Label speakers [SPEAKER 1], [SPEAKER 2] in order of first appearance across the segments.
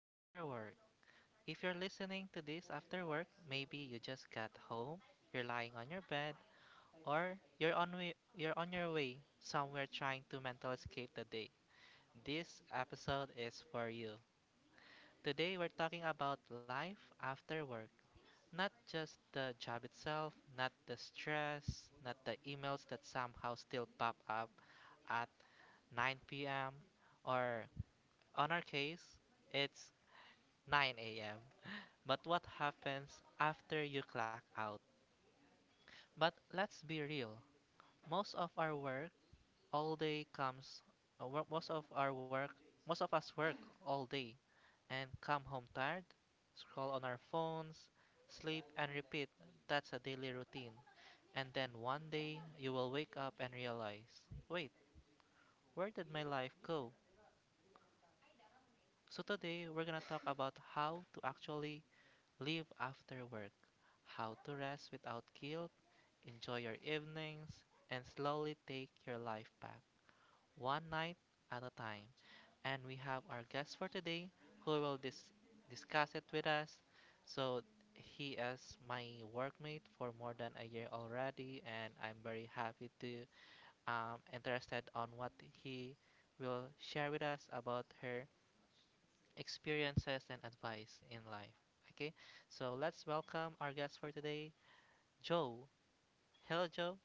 [SPEAKER 1] after work. If you're listening to this after work, maybe you just got home, you're lying on your bed, or you're on your way somewhere trying to mental escape the day. This episode is for you. Today we're talking about life after work. Not just the job itself, not the stress, not the emails that somehow still pop up at 9 p.m. or on our case, it's 9 a.m. But what happens after you clock out? But let's be real. Most of our work all day comes wo- most of our work Most of us work all day and come home tired, scroll on our phones, sleep, and repeat. That's a daily routine. And then one day you will wake up and realize, wait, where did my life go? So today we're gonna talk about how to actually live after work, how to rest without guilt, enjoy your evenings, and slowly take your life back, one night at a time. And we have our guest for today who will discuss it with us. So, he is my workmate for more than a year already, and I'm very happy to interested on what he will share with us about her experiences and advice in life. Okay, so let's welcome our guest for today, Joe. Hello, Joe.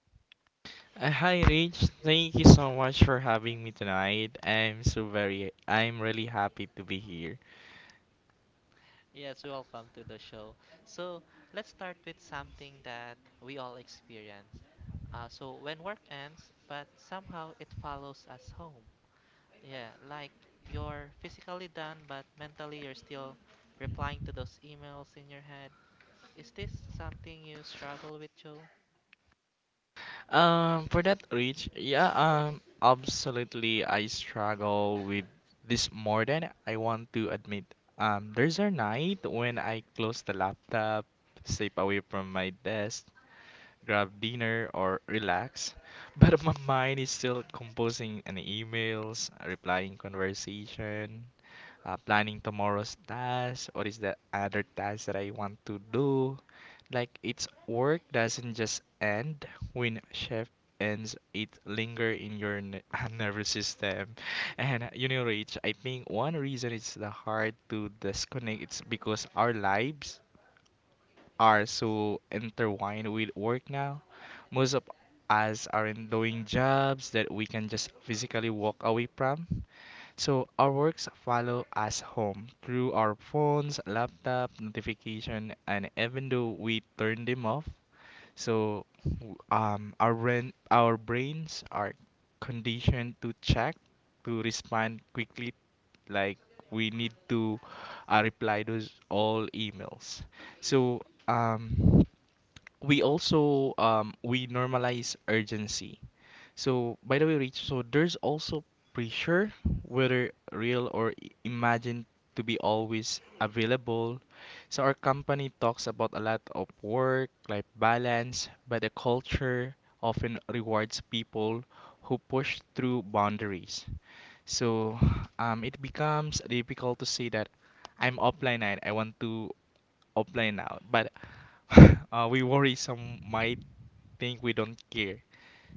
[SPEAKER 2] Hi Rich, thank you so much for having me tonight. I'm so very I'm really happy to be here.
[SPEAKER 1] Yes, welcome to the show. So let's start with something that we all experience. So when work ends, but somehow it follows us home. Yeah, like you're physically done, but mentally you're still replying to those emails in your head. Is this something you struggle with, Joe?
[SPEAKER 2] For that Rich. Yeah, Absolutely I struggle with this more than I want to admit. There's a night when I close the laptop, step away from my desk, grab dinner or relax, but my mind is still composing an emails, replying conversation, planning tomorrow's task, what is the other task that I want to do. Like its work doesn't just end when shift ends, it linger in your nervous system. And you know, Rich, I think one reason it's the hard to disconnect. It's because our lives are so intertwined with work now. Most of us are in doing jobs that we can just physically walk away from. So our works follow us home through our phones, laptop, notification, and even though we turn them off, so our our brains are conditioned to check, to respond quickly like we need to reply those all emails, so um we also we normalize urgency. So by the way Rich, so there's also pressure whether real or imagined to be always available. So our company talks about a lot of work life balance, but the culture often rewards people who push through boundaries. So it becomes difficult to say that I'm offline and I want to offline now. But we worry some might think we don't care.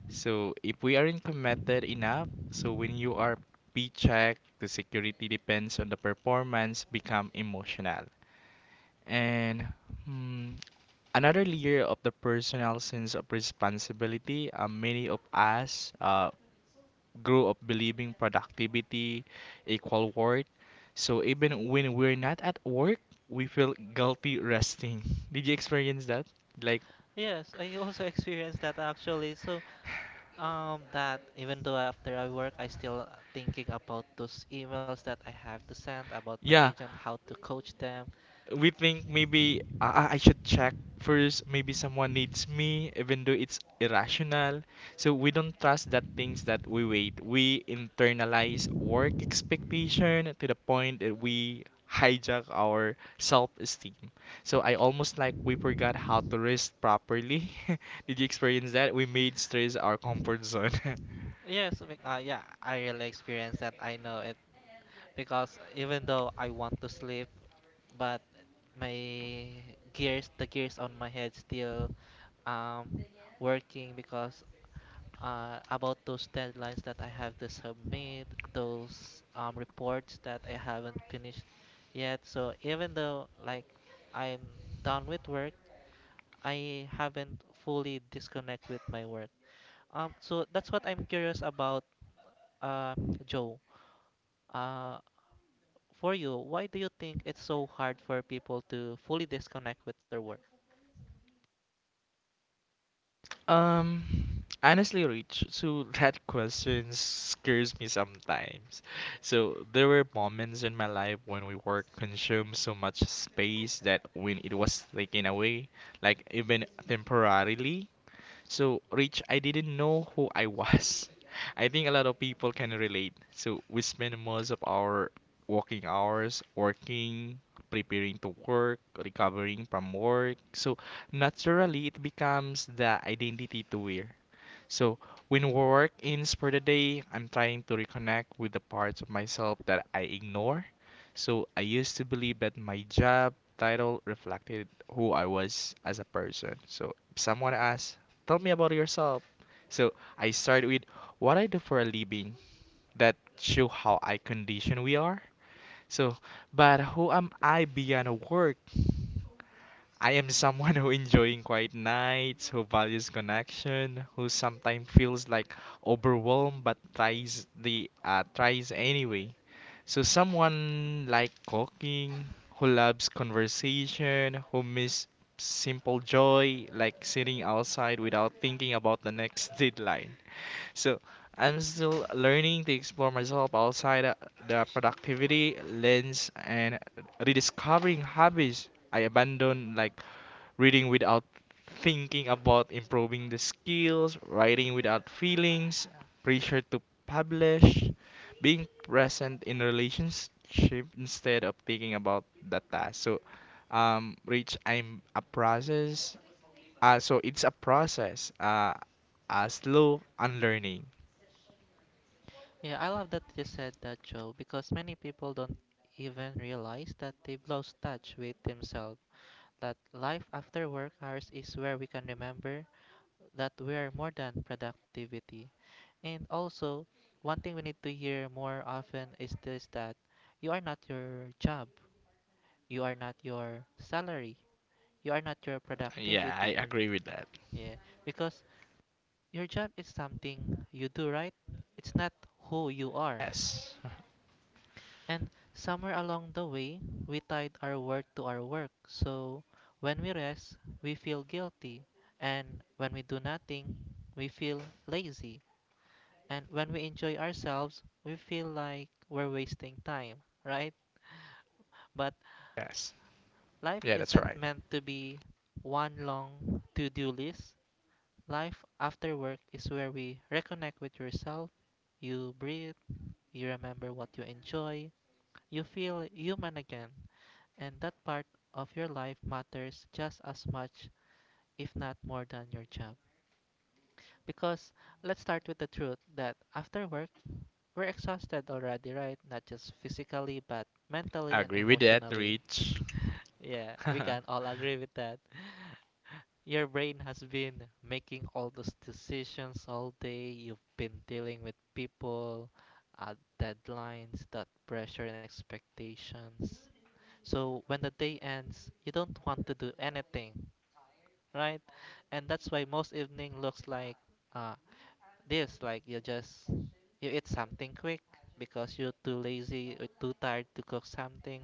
[SPEAKER 2] So if we aren't committed enough, so when you are P-check, the security depends on the performance become emotional. And hmm, another layer of the personal sense of responsibility, many of us, grew up believing productivity equal worth. So even when we're not at work, we feel guilty resting. Did you experience that? Like,
[SPEAKER 1] Yes, I also experienced that actually. So, that even though after I work, I still thinking about those emails that I have to send about my
[SPEAKER 2] yeah,
[SPEAKER 1] agent, how to coach them.
[SPEAKER 2] we think maybe I should check first. Maybe someone needs me, even though it's irrational. So we don't trust that things that we wait. We internalize work expectation to the point that we hijack our self-esteem. So I almost like we forgot how to rest properly. Did you experience that? We made stress our comfort zone.
[SPEAKER 1] Yeah, I really experienced that. I know it because even though I want to sleep, but the gears on my head still um working because about those deadlines that I have to submit, those reports that I haven't finished yet. So even though like I'm done with work, I haven't fully disconnect with my work. So that's what I'm curious about, uh, Joe. Uh, for you, why do you think it's so hard for people to fully disconnect with their work?
[SPEAKER 2] Um, Honestly, Rich, so that question scares me sometimes. So there were moments in my life when we work consumed so much space that when it was taken away, like even temporarily. So, Rich, I didn't know who I was. I think a lot of people can relate. So, we spend most of our working hours working, preparing to work, recovering from work. So, naturally, it becomes the identity to wear. So when work ends for the day, I'm trying to reconnect with the parts of myself that I ignore. So I used to believe that my job title reflected who I was as a person. So if someone asks, tell me about yourself. So I start with what I do for a living that show how I condition we are. So, but who am I beyond work? I am someone who enjoying quiet nights, who values connection, who sometimes feels like overwhelmed but tries the tries anyway. So someone like cooking, who loves conversation, who miss simple joy like sitting outside without thinking about the next deadline. So I'm still learning to explore myself outside the productivity lens and rediscovering hobbies I abandoned, like reading without thinking about improving the skills, writing without feelings, pressure to publish, being present in relationship instead of thinking about that task. So, Rich, I'm a process. So it's a process. A slow unlearning.
[SPEAKER 1] Yeah, I love that you said that, Joe, because many people don't even realize that they've lost touch with themselves. That life after work hours is where we can remember that we are more than productivity. And also, one thing we need to hear more often is this, that you are not your job, you are not your salary, you are not your
[SPEAKER 2] Yeah, I
[SPEAKER 1] productivity.
[SPEAKER 2] agree with that.
[SPEAKER 1] Yeah, because your job is something you do, right? It's not who you are.
[SPEAKER 2] Yes.
[SPEAKER 1] And somewhere along the way, we tied our work to our work. So when we rest, we feel guilty. And when we do nothing, we feel lazy. And when we enjoy ourselves, we feel like we're wasting time, right? But
[SPEAKER 2] Yes.
[SPEAKER 1] life
[SPEAKER 2] Yeah, that's
[SPEAKER 1] isn't
[SPEAKER 2] right.
[SPEAKER 1] meant to be one long to do list. Life after work is where we reconnect with yourself, you breathe, you remember what you enjoy. You feel human again, and that part of your life matters just as much, if not more, than your job. Because let's start with the truth that after work, we're exhausted already, right? Not just physically, but
[SPEAKER 2] I
[SPEAKER 1] mentally and
[SPEAKER 2] agree with that,
[SPEAKER 1] emotionally.
[SPEAKER 2] Rich.
[SPEAKER 1] Yeah, we
[SPEAKER 2] I
[SPEAKER 1] can all agree with that. Your brain has been making all those decisions all day. You've been dealing with people, deadlines, that pressure and expectations. So when the day ends, you don't want to do anything, right? And that's why most evening looks like uh, this, like you eat something quick because you're too lazy or too tired to cook something.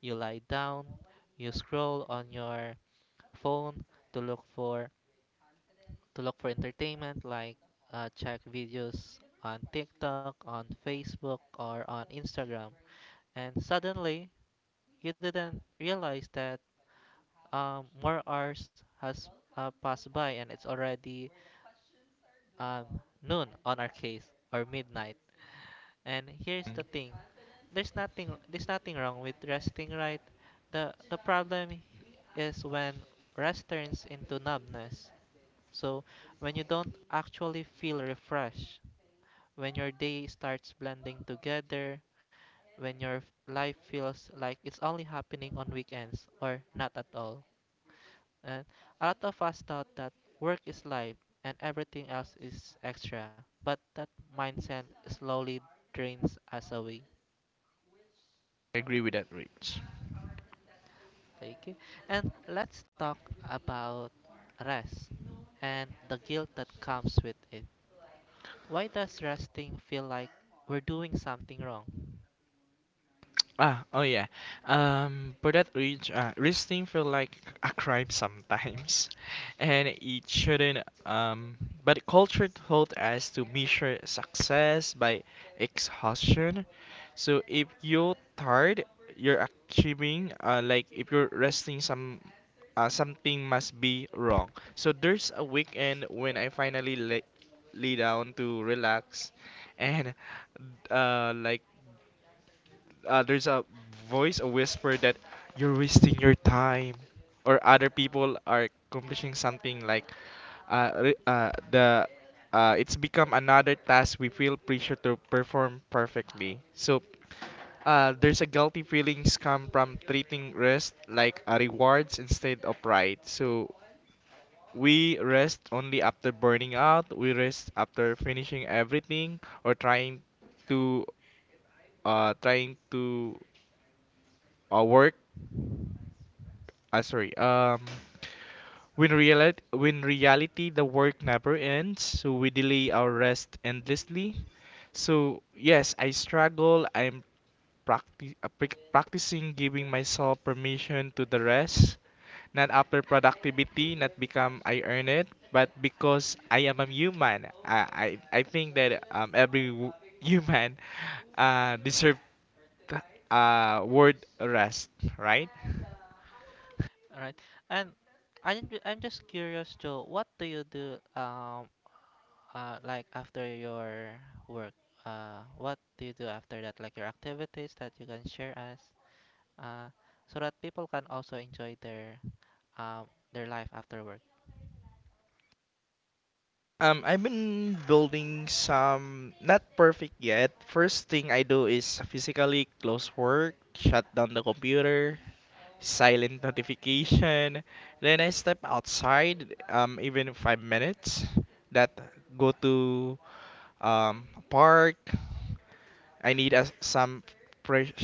[SPEAKER 1] You lie down, you scroll on your phone to look for to look for entertainment, like check videos on TikTok, on Facebook, or on Instagram. And suddenly, you didn't realize that more hours has passed by and it's already um, noon on our case or midnight. And here's the thing, there's nothing wrong with resting, right? The problem is when rest turns into numbness. So when you don't actually feel refreshed, when your day starts blending together, when your life feels like it's only happening on weekends or not at all. And a lot of us thought that work is life and everything else is extra, but that mindset slowly drains us away.
[SPEAKER 2] agree with that, Rich.
[SPEAKER 1] Okay, and let's talk about rest and the guilt that comes with it. Why does resting feel like we're doing something wrong?
[SPEAKER 2] Ah, oh yeah. But that Rich, Rich thing feel like a crime sometimes, and it shouldn't. Um, but culture taught us to measure success by exhaustion. So if you're tired, you're achieving. Like if you're resting, some something must be wrong. So there's a weekend when I finally lay down to relax, and like there's a voice, a whisper that you're wasting your time, or other people are accomplishing something like re- the it's become another task we feel pressure to perform perfectly. So there's a guilty feelings come from treating rest like a rewards instead of pride. So we rest only after burning out. We rest after finishing everything or trying to uh, trying to work uh, sorry, um, when reality the work never ends, so we delay our rest endlessly. So yes, I struggle. I'm practicing giving myself permission to the rest, not after productivity, not become I earn it, but because I am a human. I think that every human deserve word rest, right?
[SPEAKER 1] All right, and I'm just curious, Joe. What do you do like after your work, what do you do after that? Like your activities that you can share us, uh, so that people can also enjoy um their life after work.
[SPEAKER 2] I've been building some, not perfect yet. First thing I do is physically close work, shut down the computer, silent notification. Then I step outside, even 5 minutes. That go to a park. I need a, some fresh.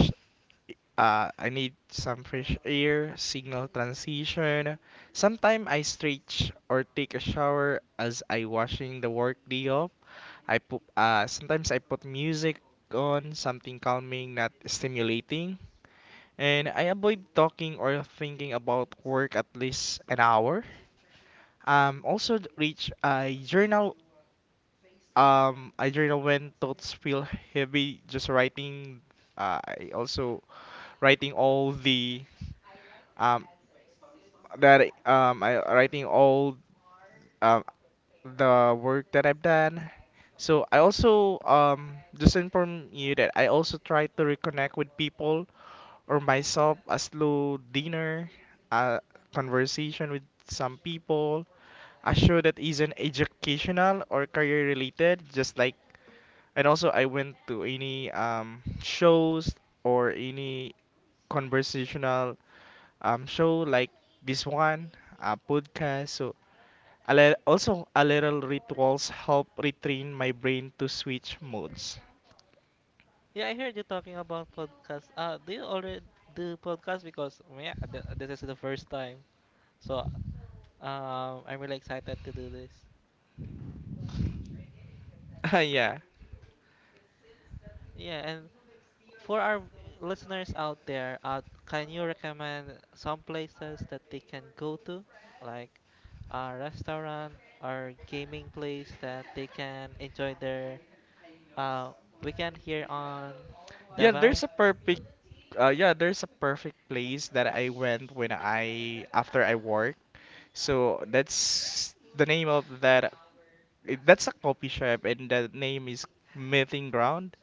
[SPEAKER 2] I need some fresh air, signal transition. Sometimes I stretch or take a shower as I washing the work day off. I put music on something calming, not stimulating, and I avoid talking or thinking about work at least an hour. Reach a journal. I journal when thoughts feel heavy, just writing. I also writing all the um, that I writing all um the work that I've done. So I also just inform you that I also try to reconnect with people or myself a slow dinner, a conversation with some people, a show that isn't educational or career related, just like, and also I went to any shows or any conversational show like this one, a podcast. So also a little rituals help retrain my brain to switch modes.
[SPEAKER 1] Yeah, I heard you talking about podcast. Do you already do podcast? Because yeah, this is the first time, so I'm really excited to do this.
[SPEAKER 2] Yeah.
[SPEAKER 1] Yeah, and for our listeners out there, can you recommend some places that they can go to, like a restaurant or gaming place that they can enjoy their uh, weekend here on
[SPEAKER 2] Yeah,
[SPEAKER 1] Davao?
[SPEAKER 2] there's a perfect yeah, there's a perfect place that I went when I after I work. So that's the name of that that's a coffee shop and the name is Meeting Ground.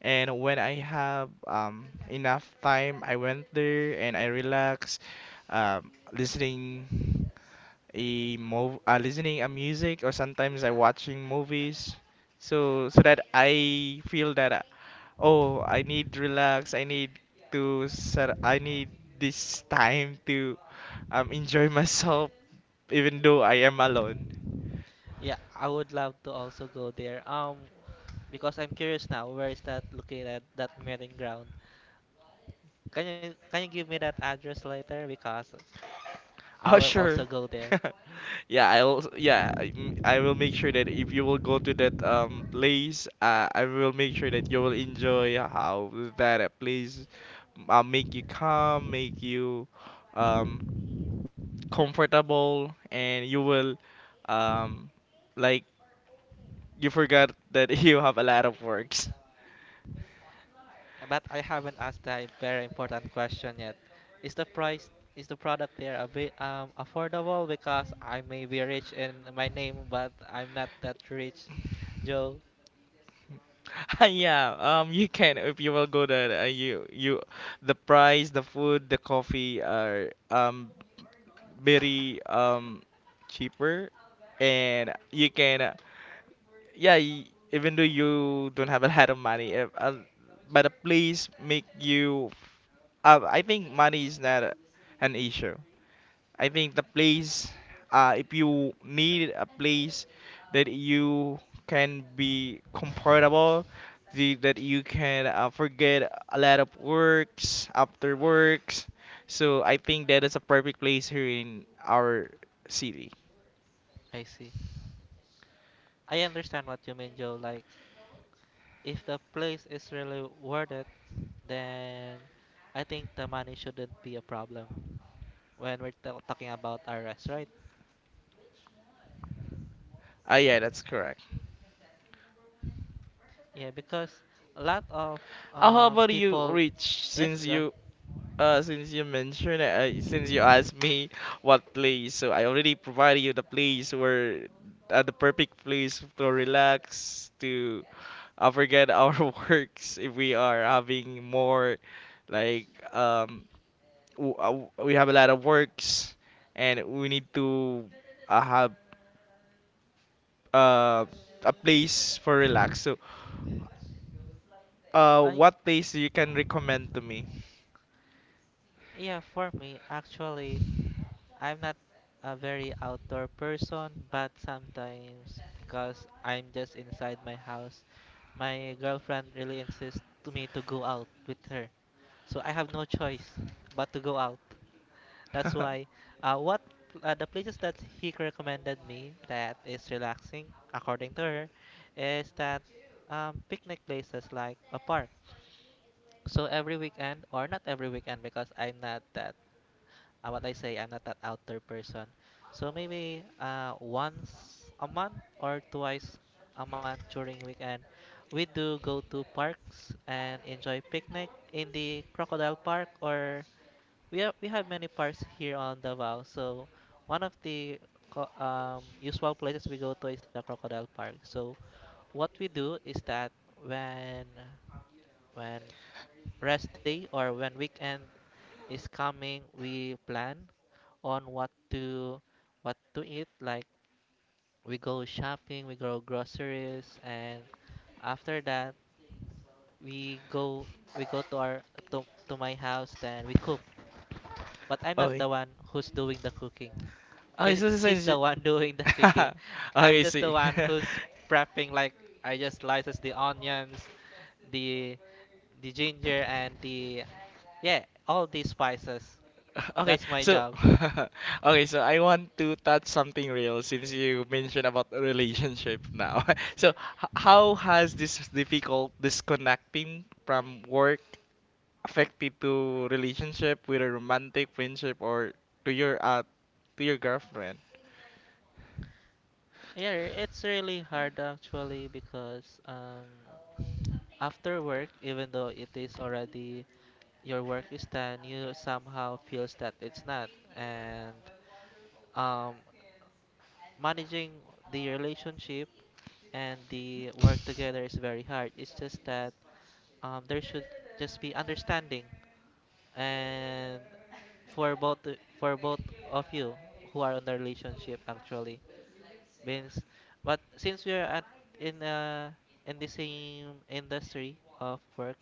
[SPEAKER 2] And when I have enough time, I went there and I relax, um, listening listening a music, or sometimes I watching movies, so so that I feel that oh I need relax, I need to set, I need this time to enjoy myself even though I am alone.
[SPEAKER 1] Yeah, I would love to also go there. Because I'm curious now, where is that located, that meeting ground? Can you give me that address later? Because I
[SPEAKER 2] Oh
[SPEAKER 1] will
[SPEAKER 2] sure.
[SPEAKER 1] also go there.
[SPEAKER 2] Yeah, I'll yeah, I m- I will make sure that if you will go to that place, I will make sure that you will enjoy how that place make you calm, make you um comfortable and you will um like you forgot that you have a lot of works.
[SPEAKER 1] But I haven't asked a very important question yet. Is the product there a bit affordable? Because I may be rich in my name, but I'm not that rich, Joe.
[SPEAKER 2] Yeah, you can, if you will go there you the price, the food, the coffee are very cheaper, and you can yeah, even though you don't have a lot of money, if, but the place make you. I think money is not an issue. I think the place, if you need a place that you can be comfortable, that you can forget a lot of works after works. So I think that is a perfect place here in our city.
[SPEAKER 1] I see. I understand what you mean, Joe. Like if the place is really worth it, then I think the money shouldn't be a problem when we're ta talking about RS, right?
[SPEAKER 2] Ah, yeah, that's correct.
[SPEAKER 1] Yeah, because a lot of
[SPEAKER 2] How about you,
[SPEAKER 1] people.
[SPEAKER 2] Rich?
[SPEAKER 1] Yes, go.
[SPEAKER 2] Since you mentioned, since you asked me what place, so I already provided you the place where, the perfect place to relax, to forget our works if we are having more, like, we have a lot of works and we need to have uh, a place for relax. So,
[SPEAKER 1] I
[SPEAKER 2] what place you can recommend to me?
[SPEAKER 1] Yeah. For me, actually, I'm not a very outdoor person, but sometimes because I'm just inside my house, my girlfriend really insists to me to go out with her. So I have no choice but to go out. That's why what the places that he recommended me that is relaxing according to her is that picnic places like a park. So every weekend or not every weekend because I'm not that I'm not that outdoor person. So maybe once a month or twice a month during weekend, we do go to parks and enjoy picnic in the Crocodile Park, or we have many parks here on Davao. So one of the usual places we go to is the Crocodile Park. So what we do is that when when rest day or when weekend is coming, we plan on what to eat. Like we go shopping, we go groceries, and after that we go we go to to my house. Then we cook. But I'm not
[SPEAKER 2] Okay.
[SPEAKER 1] the one who's doing the cooking.
[SPEAKER 2] Okay, so
[SPEAKER 1] She's
[SPEAKER 2] since
[SPEAKER 1] the
[SPEAKER 2] you,
[SPEAKER 1] one doing the cooking. I'm
[SPEAKER 2] okay,
[SPEAKER 1] just the
[SPEAKER 2] see.
[SPEAKER 1] one who's prepping. Like I just slices the onions, the the ginger, and the yeah, all these spices.
[SPEAKER 2] Okay,
[SPEAKER 1] That's my
[SPEAKER 2] so
[SPEAKER 1] job.
[SPEAKER 2] okay, so I want to touch something real since you mentioned about a relationship now. So, how has this difficult disconnecting from work affected to relationship with a romantic friendship or to your uh to your girlfriend?
[SPEAKER 1] Yeah, it's really hard actually because after work, even though it is already your work is done, you somehow feels that it's not. And um, managing the relationship and the work together is very hard. It's just that there should just be understanding and for both of you who are on the relationship actually. Means, but since we are at in uh in the same industry of work,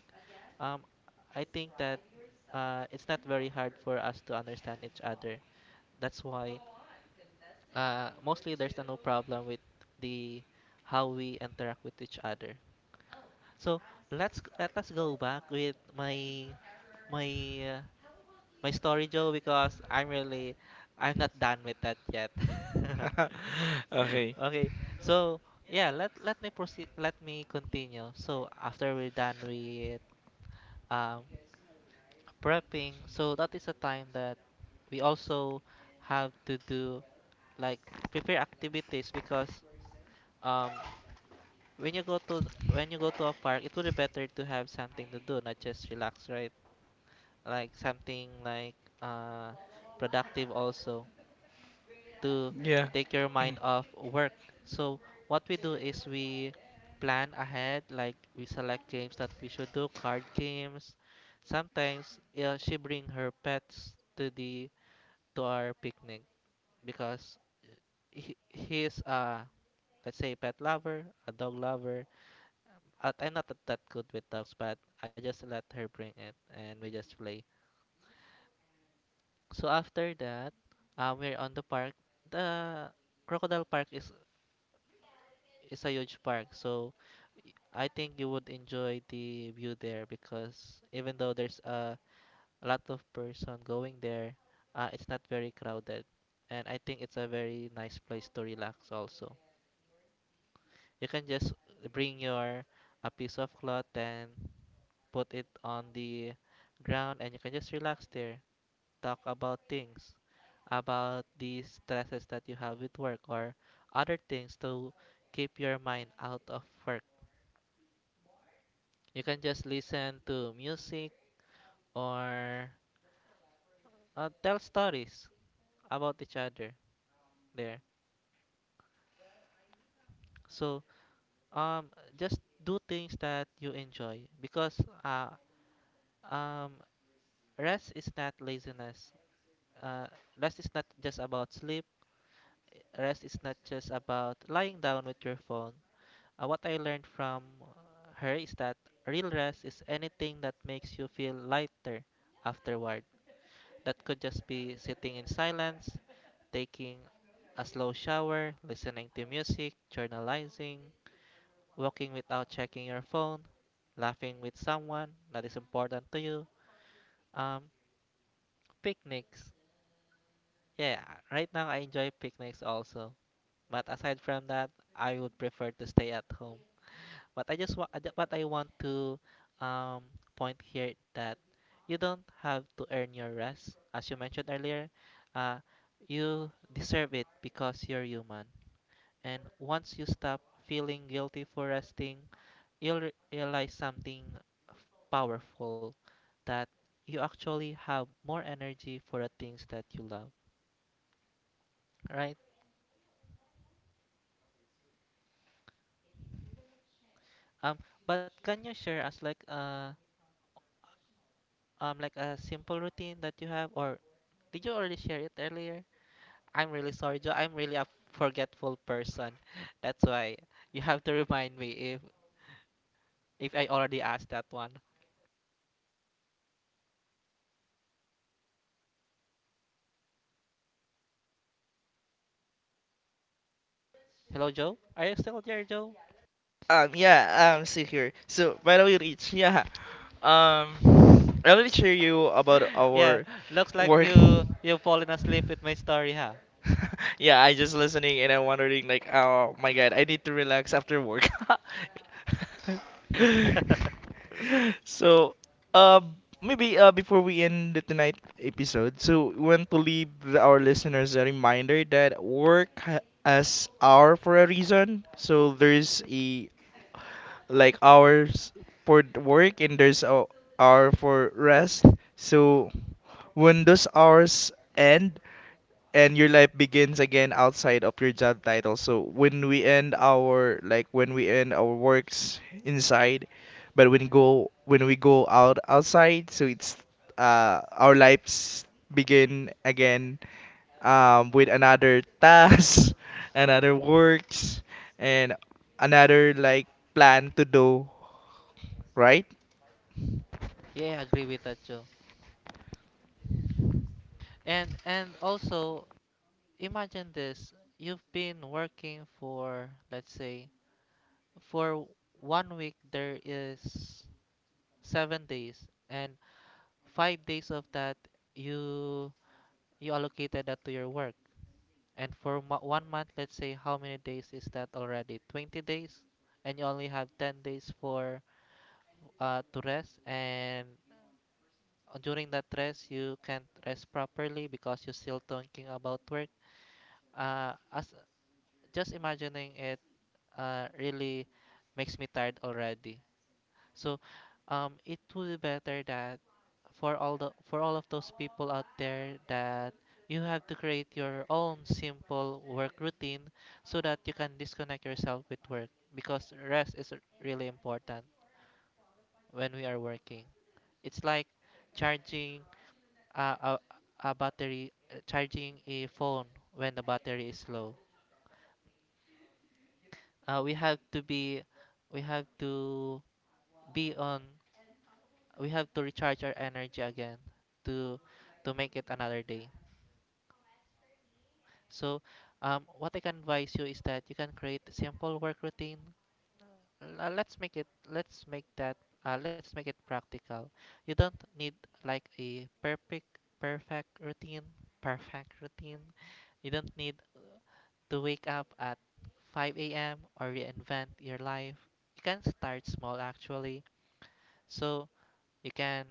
[SPEAKER 1] um, I think that it's not very hard for us to understand each other. That's why mostly there's no problem with the how we interact with each other. So let us go back with my uh, my story, Joe, because I'm not done with that yet.
[SPEAKER 2] Okay.
[SPEAKER 1] Okay, so yeah, let me proceed. Let me continue. So after we're done with um prepping. So that is a time that we also have to do like prepare activities because um when you go to a park, it would be better to have something to do, not just relax, right? Like something like uh productive also to
[SPEAKER 2] Yeah.
[SPEAKER 1] take your mind off work. So what we do is we plan ahead, like we select games that we should do, card games. Sometimes she bring her pets to the to our picnic because he's a let's say pet lover, a dog lover. I'm not that good with dogs, but I just let her bring it and we just play. So after that, we're on the park. The Crocodile Park is a huge park, so I think you would enjoy the view there because even though a lot of person going there, it's not very crowded, and I think it's a very nice place to relax also. You can just bring your a piece of cloth and put it on the ground and you can just relax there. Talk about things, about the stresses that you have with work or other things to keep your mind out of work. You can just listen to music or tell stories about each other there. So just do things that you enjoy because um rest is not laziness. Uh, Rest is not just about sleep. Rest is not just about lying down with your phone. What I learned from her is that real rest is anything that makes you feel lighter afterward. That could just be sitting in silence, taking a slow shower, listening to music, journalizing, walking without checking your phone, laughing with someone that is important to you, um, picnics. Yeah, right now I enjoy picnics also. But aside from that, I would prefer to stay at home. But I just want, but I want to um, point here that you don't have to earn your rest. As you mentioned earlier, uh, you deserve it because you're human. And once you stop feeling guilty for resting, realize something f- powerful, that you actually have more energy for the things that you love, right? Um, but can you share us like a simple routine that you have, or did you already share it earlier? I'm really sorry, Joe. I'm really a forgetful person. That's why you have to remind me if I already asked that one. Hello, Joe. Are you still there, Joe?
[SPEAKER 2] Yeah, See here. So, by the way, Rich, yeah, I'll share you about
[SPEAKER 1] Yeah,
[SPEAKER 2] our
[SPEAKER 1] looks like
[SPEAKER 2] work.
[SPEAKER 1] you've fallen asleep with my story, huh?
[SPEAKER 2] Yeah, I just listening and I'm wondering like, oh my God, I need to relax after work. So, um, maybe before we end the tonight episode, so we want to leave the- our listeners a reminder that work as our for a reason. So there's a like hours for work and there's a hour for rest. So when those hours end and your life begins again outside of your job title. So when we end our like when we end our works inside, but when go when we go out outside, so it's our lives begin again with another task, another works, and another like plan to do, right?
[SPEAKER 1] Yeah, I agree with that, Joe. And also imagine this. You've been working for let's say for 1 week. There is 7 days, and 5 days of that you allocated that to your work, and for 1 month, let's say, how many days is that already? 20 days. And you only have 10 days for to rest, and during that rest you can't rest properly because you're still thinking about work. As just imagining it really makes me tired already. So it would be better that for all of those people out there, that you have to create your own simple work routine so that you can disconnect yourself with work, because really important when we are working. It's like charging a, a, a battery, charging a phone when the battery is low. We have to be we have to be on We have to recharge our energy again to make it another day. So what I can advise you is that you can create a simple work routine. Let's make that let's make it practical. You don't need a perfect perfect routine perfect routine. You don't need to wake up at 5 a.m or reinvent your life. You can start small actually. So you can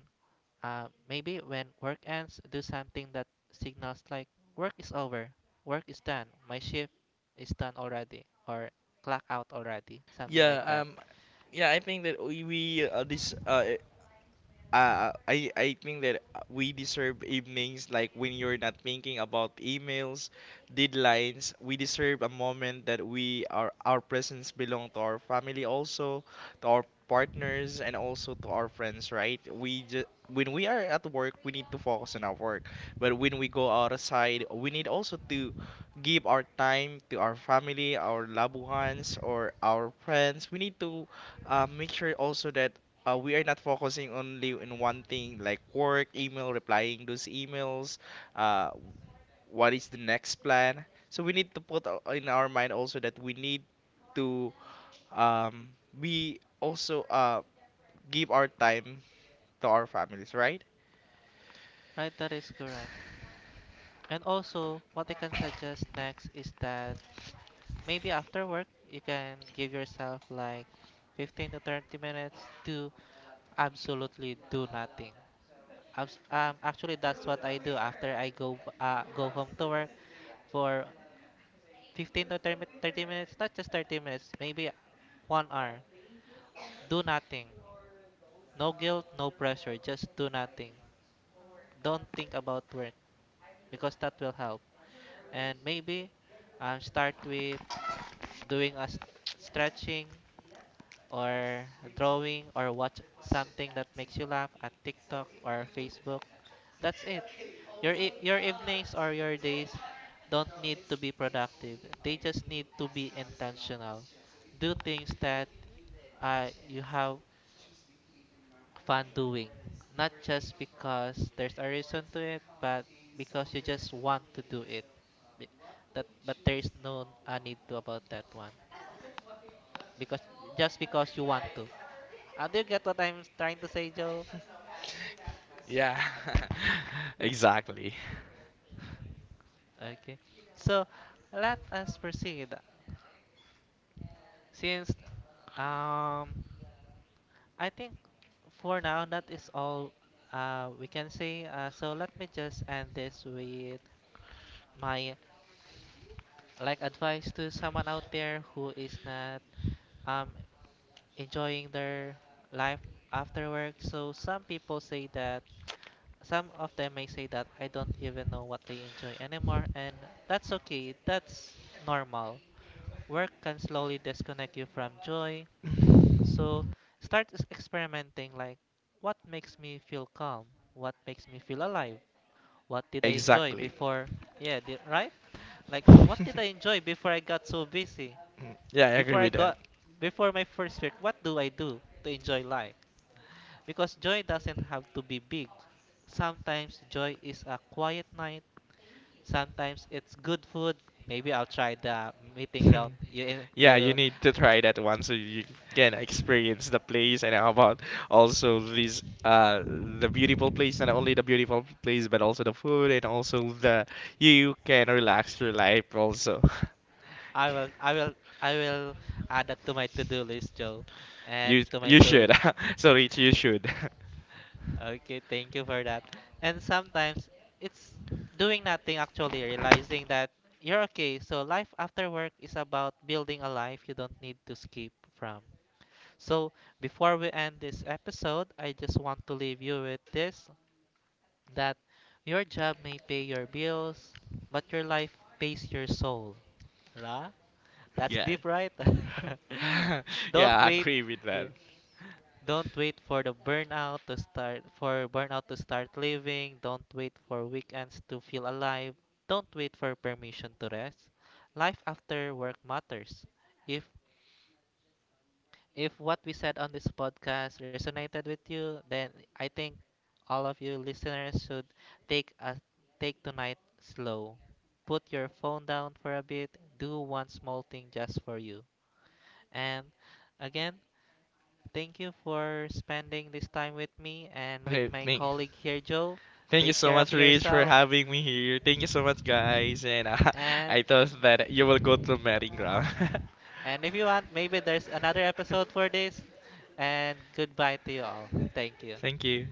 [SPEAKER 1] maybe when work ends, do something that signals like work is over, work is done, my shift is done already, or clock out already, something like
[SPEAKER 2] Yeah,
[SPEAKER 1] that.
[SPEAKER 2] yeah, I think that we, this I think that we deserve evenings like when you're not thinking about emails, deadlines. We deserve a moment that we are our presence belong to our family also, to our partners and also to our friends, right? We just when we are at work, we need to focus on our work. But when we go outside, we need also to give our time to our family, our loved ones, or our friends. We need to make sure also that we are not focusing only in one thing like work, email, replying those emails, uh, what is the next plan. So we need to put in our mind also that we need to um, we also give our time to our families, right?
[SPEAKER 1] Right, that is correct. And also, what I can suggest next is that maybe after work, you can give yourself like 15 to 30 minutes to absolutely do nothing. Actually, that's what I do after I go go home to work for 15 to 30 mi- 30 minutes. Not just 30 minutes, maybe 1 hour. Do nothing. No guilt, no pressure. Just do nothing. Don't think about work because that will help. And maybe start with doing a s- stretching or drawing or watch something that makes you laugh at TikTok or Facebook. That's it. Your evenings or your days don't need to be productive. They just need to be intentional. Do things that you have fun doing, not just because there's a reason to it, but because you just want to do it. Be- That, but there is no need to about that one because just because you want to. Do you get what I'm trying to say, Joe?
[SPEAKER 2] Yeah,
[SPEAKER 1] Be-
[SPEAKER 2] exactly.
[SPEAKER 1] Okay, so let us proceed. Since um I think for now that is all we can say. So let me just end this with my like advice to someone out there who is not um, enjoying their life after work. So some people say that, some of them may say that, I don't even know what I enjoy anymore, and that's okay. That's normal. Work can slowly disconnect you from joy. So experimenting like, what makes me feel calm? What makes me feel alive? What did I enjoy
[SPEAKER 2] Exactly.
[SPEAKER 1] before? Yeah, right? Like, what did I enjoy before I got so busy?
[SPEAKER 2] Yeah, I agree
[SPEAKER 1] Before I
[SPEAKER 2] with that.
[SPEAKER 1] got Before my first work, what do I do to enjoy life? Because joy doesn't have to be big. Sometimes joy is a quiet night. Sometimes it's good food. Maybe I'll try the Meeting Ground you
[SPEAKER 2] Yeah, you
[SPEAKER 1] you.
[SPEAKER 2] need to try that one so you can experience the place and how about also these the beautiful place, not only the beautiful place but also the food and also the you can relax your life also.
[SPEAKER 1] I will, I will, I will add that to my to-do list, Joe, and
[SPEAKER 2] You
[SPEAKER 1] to my
[SPEAKER 2] you
[SPEAKER 1] to.
[SPEAKER 2] should. Sorry, you should.
[SPEAKER 1] Okay, thank you for that. And sometimes it's doing nothing, actually, realizing that you're okay. So life after work is about building a life you don't need to escape from. So before we end this episode, I just want to leave you with this: that your job may pay your bills, but your life pays your soul. Ra? That's
[SPEAKER 2] Yeah.
[SPEAKER 1] deep, right?
[SPEAKER 2] Yeah,
[SPEAKER 1] Don't
[SPEAKER 2] I
[SPEAKER 1] wait.
[SPEAKER 2] agree with
[SPEAKER 1] Yeah.
[SPEAKER 2] that.
[SPEAKER 1] Don't wait for the burnout to start, for burnout to start living. Don't wait for weekends to feel alive. Don't wait for permission to rest. Life after work matters. If if what we said on this podcast resonated with you, then I think all of you listeners should take a take tonight slow. Put your phone down for a bit. Do one small thing just for you. And again, thank you for spending this time with me and with
[SPEAKER 2] Okay,
[SPEAKER 1] my
[SPEAKER 2] thank,
[SPEAKER 1] colleague here, Joe.
[SPEAKER 2] Thank you
[SPEAKER 1] Take
[SPEAKER 2] so
[SPEAKER 1] care of
[SPEAKER 2] much, Rich, for
[SPEAKER 1] yourself.
[SPEAKER 2] having me here. Thank you so much, guys. And I
[SPEAKER 1] And
[SPEAKER 2] thought that you will go to Meeting Ground.
[SPEAKER 1] and if you want, maybe there's another episode for this. And goodbye to you all. Thank you.
[SPEAKER 2] Thank you.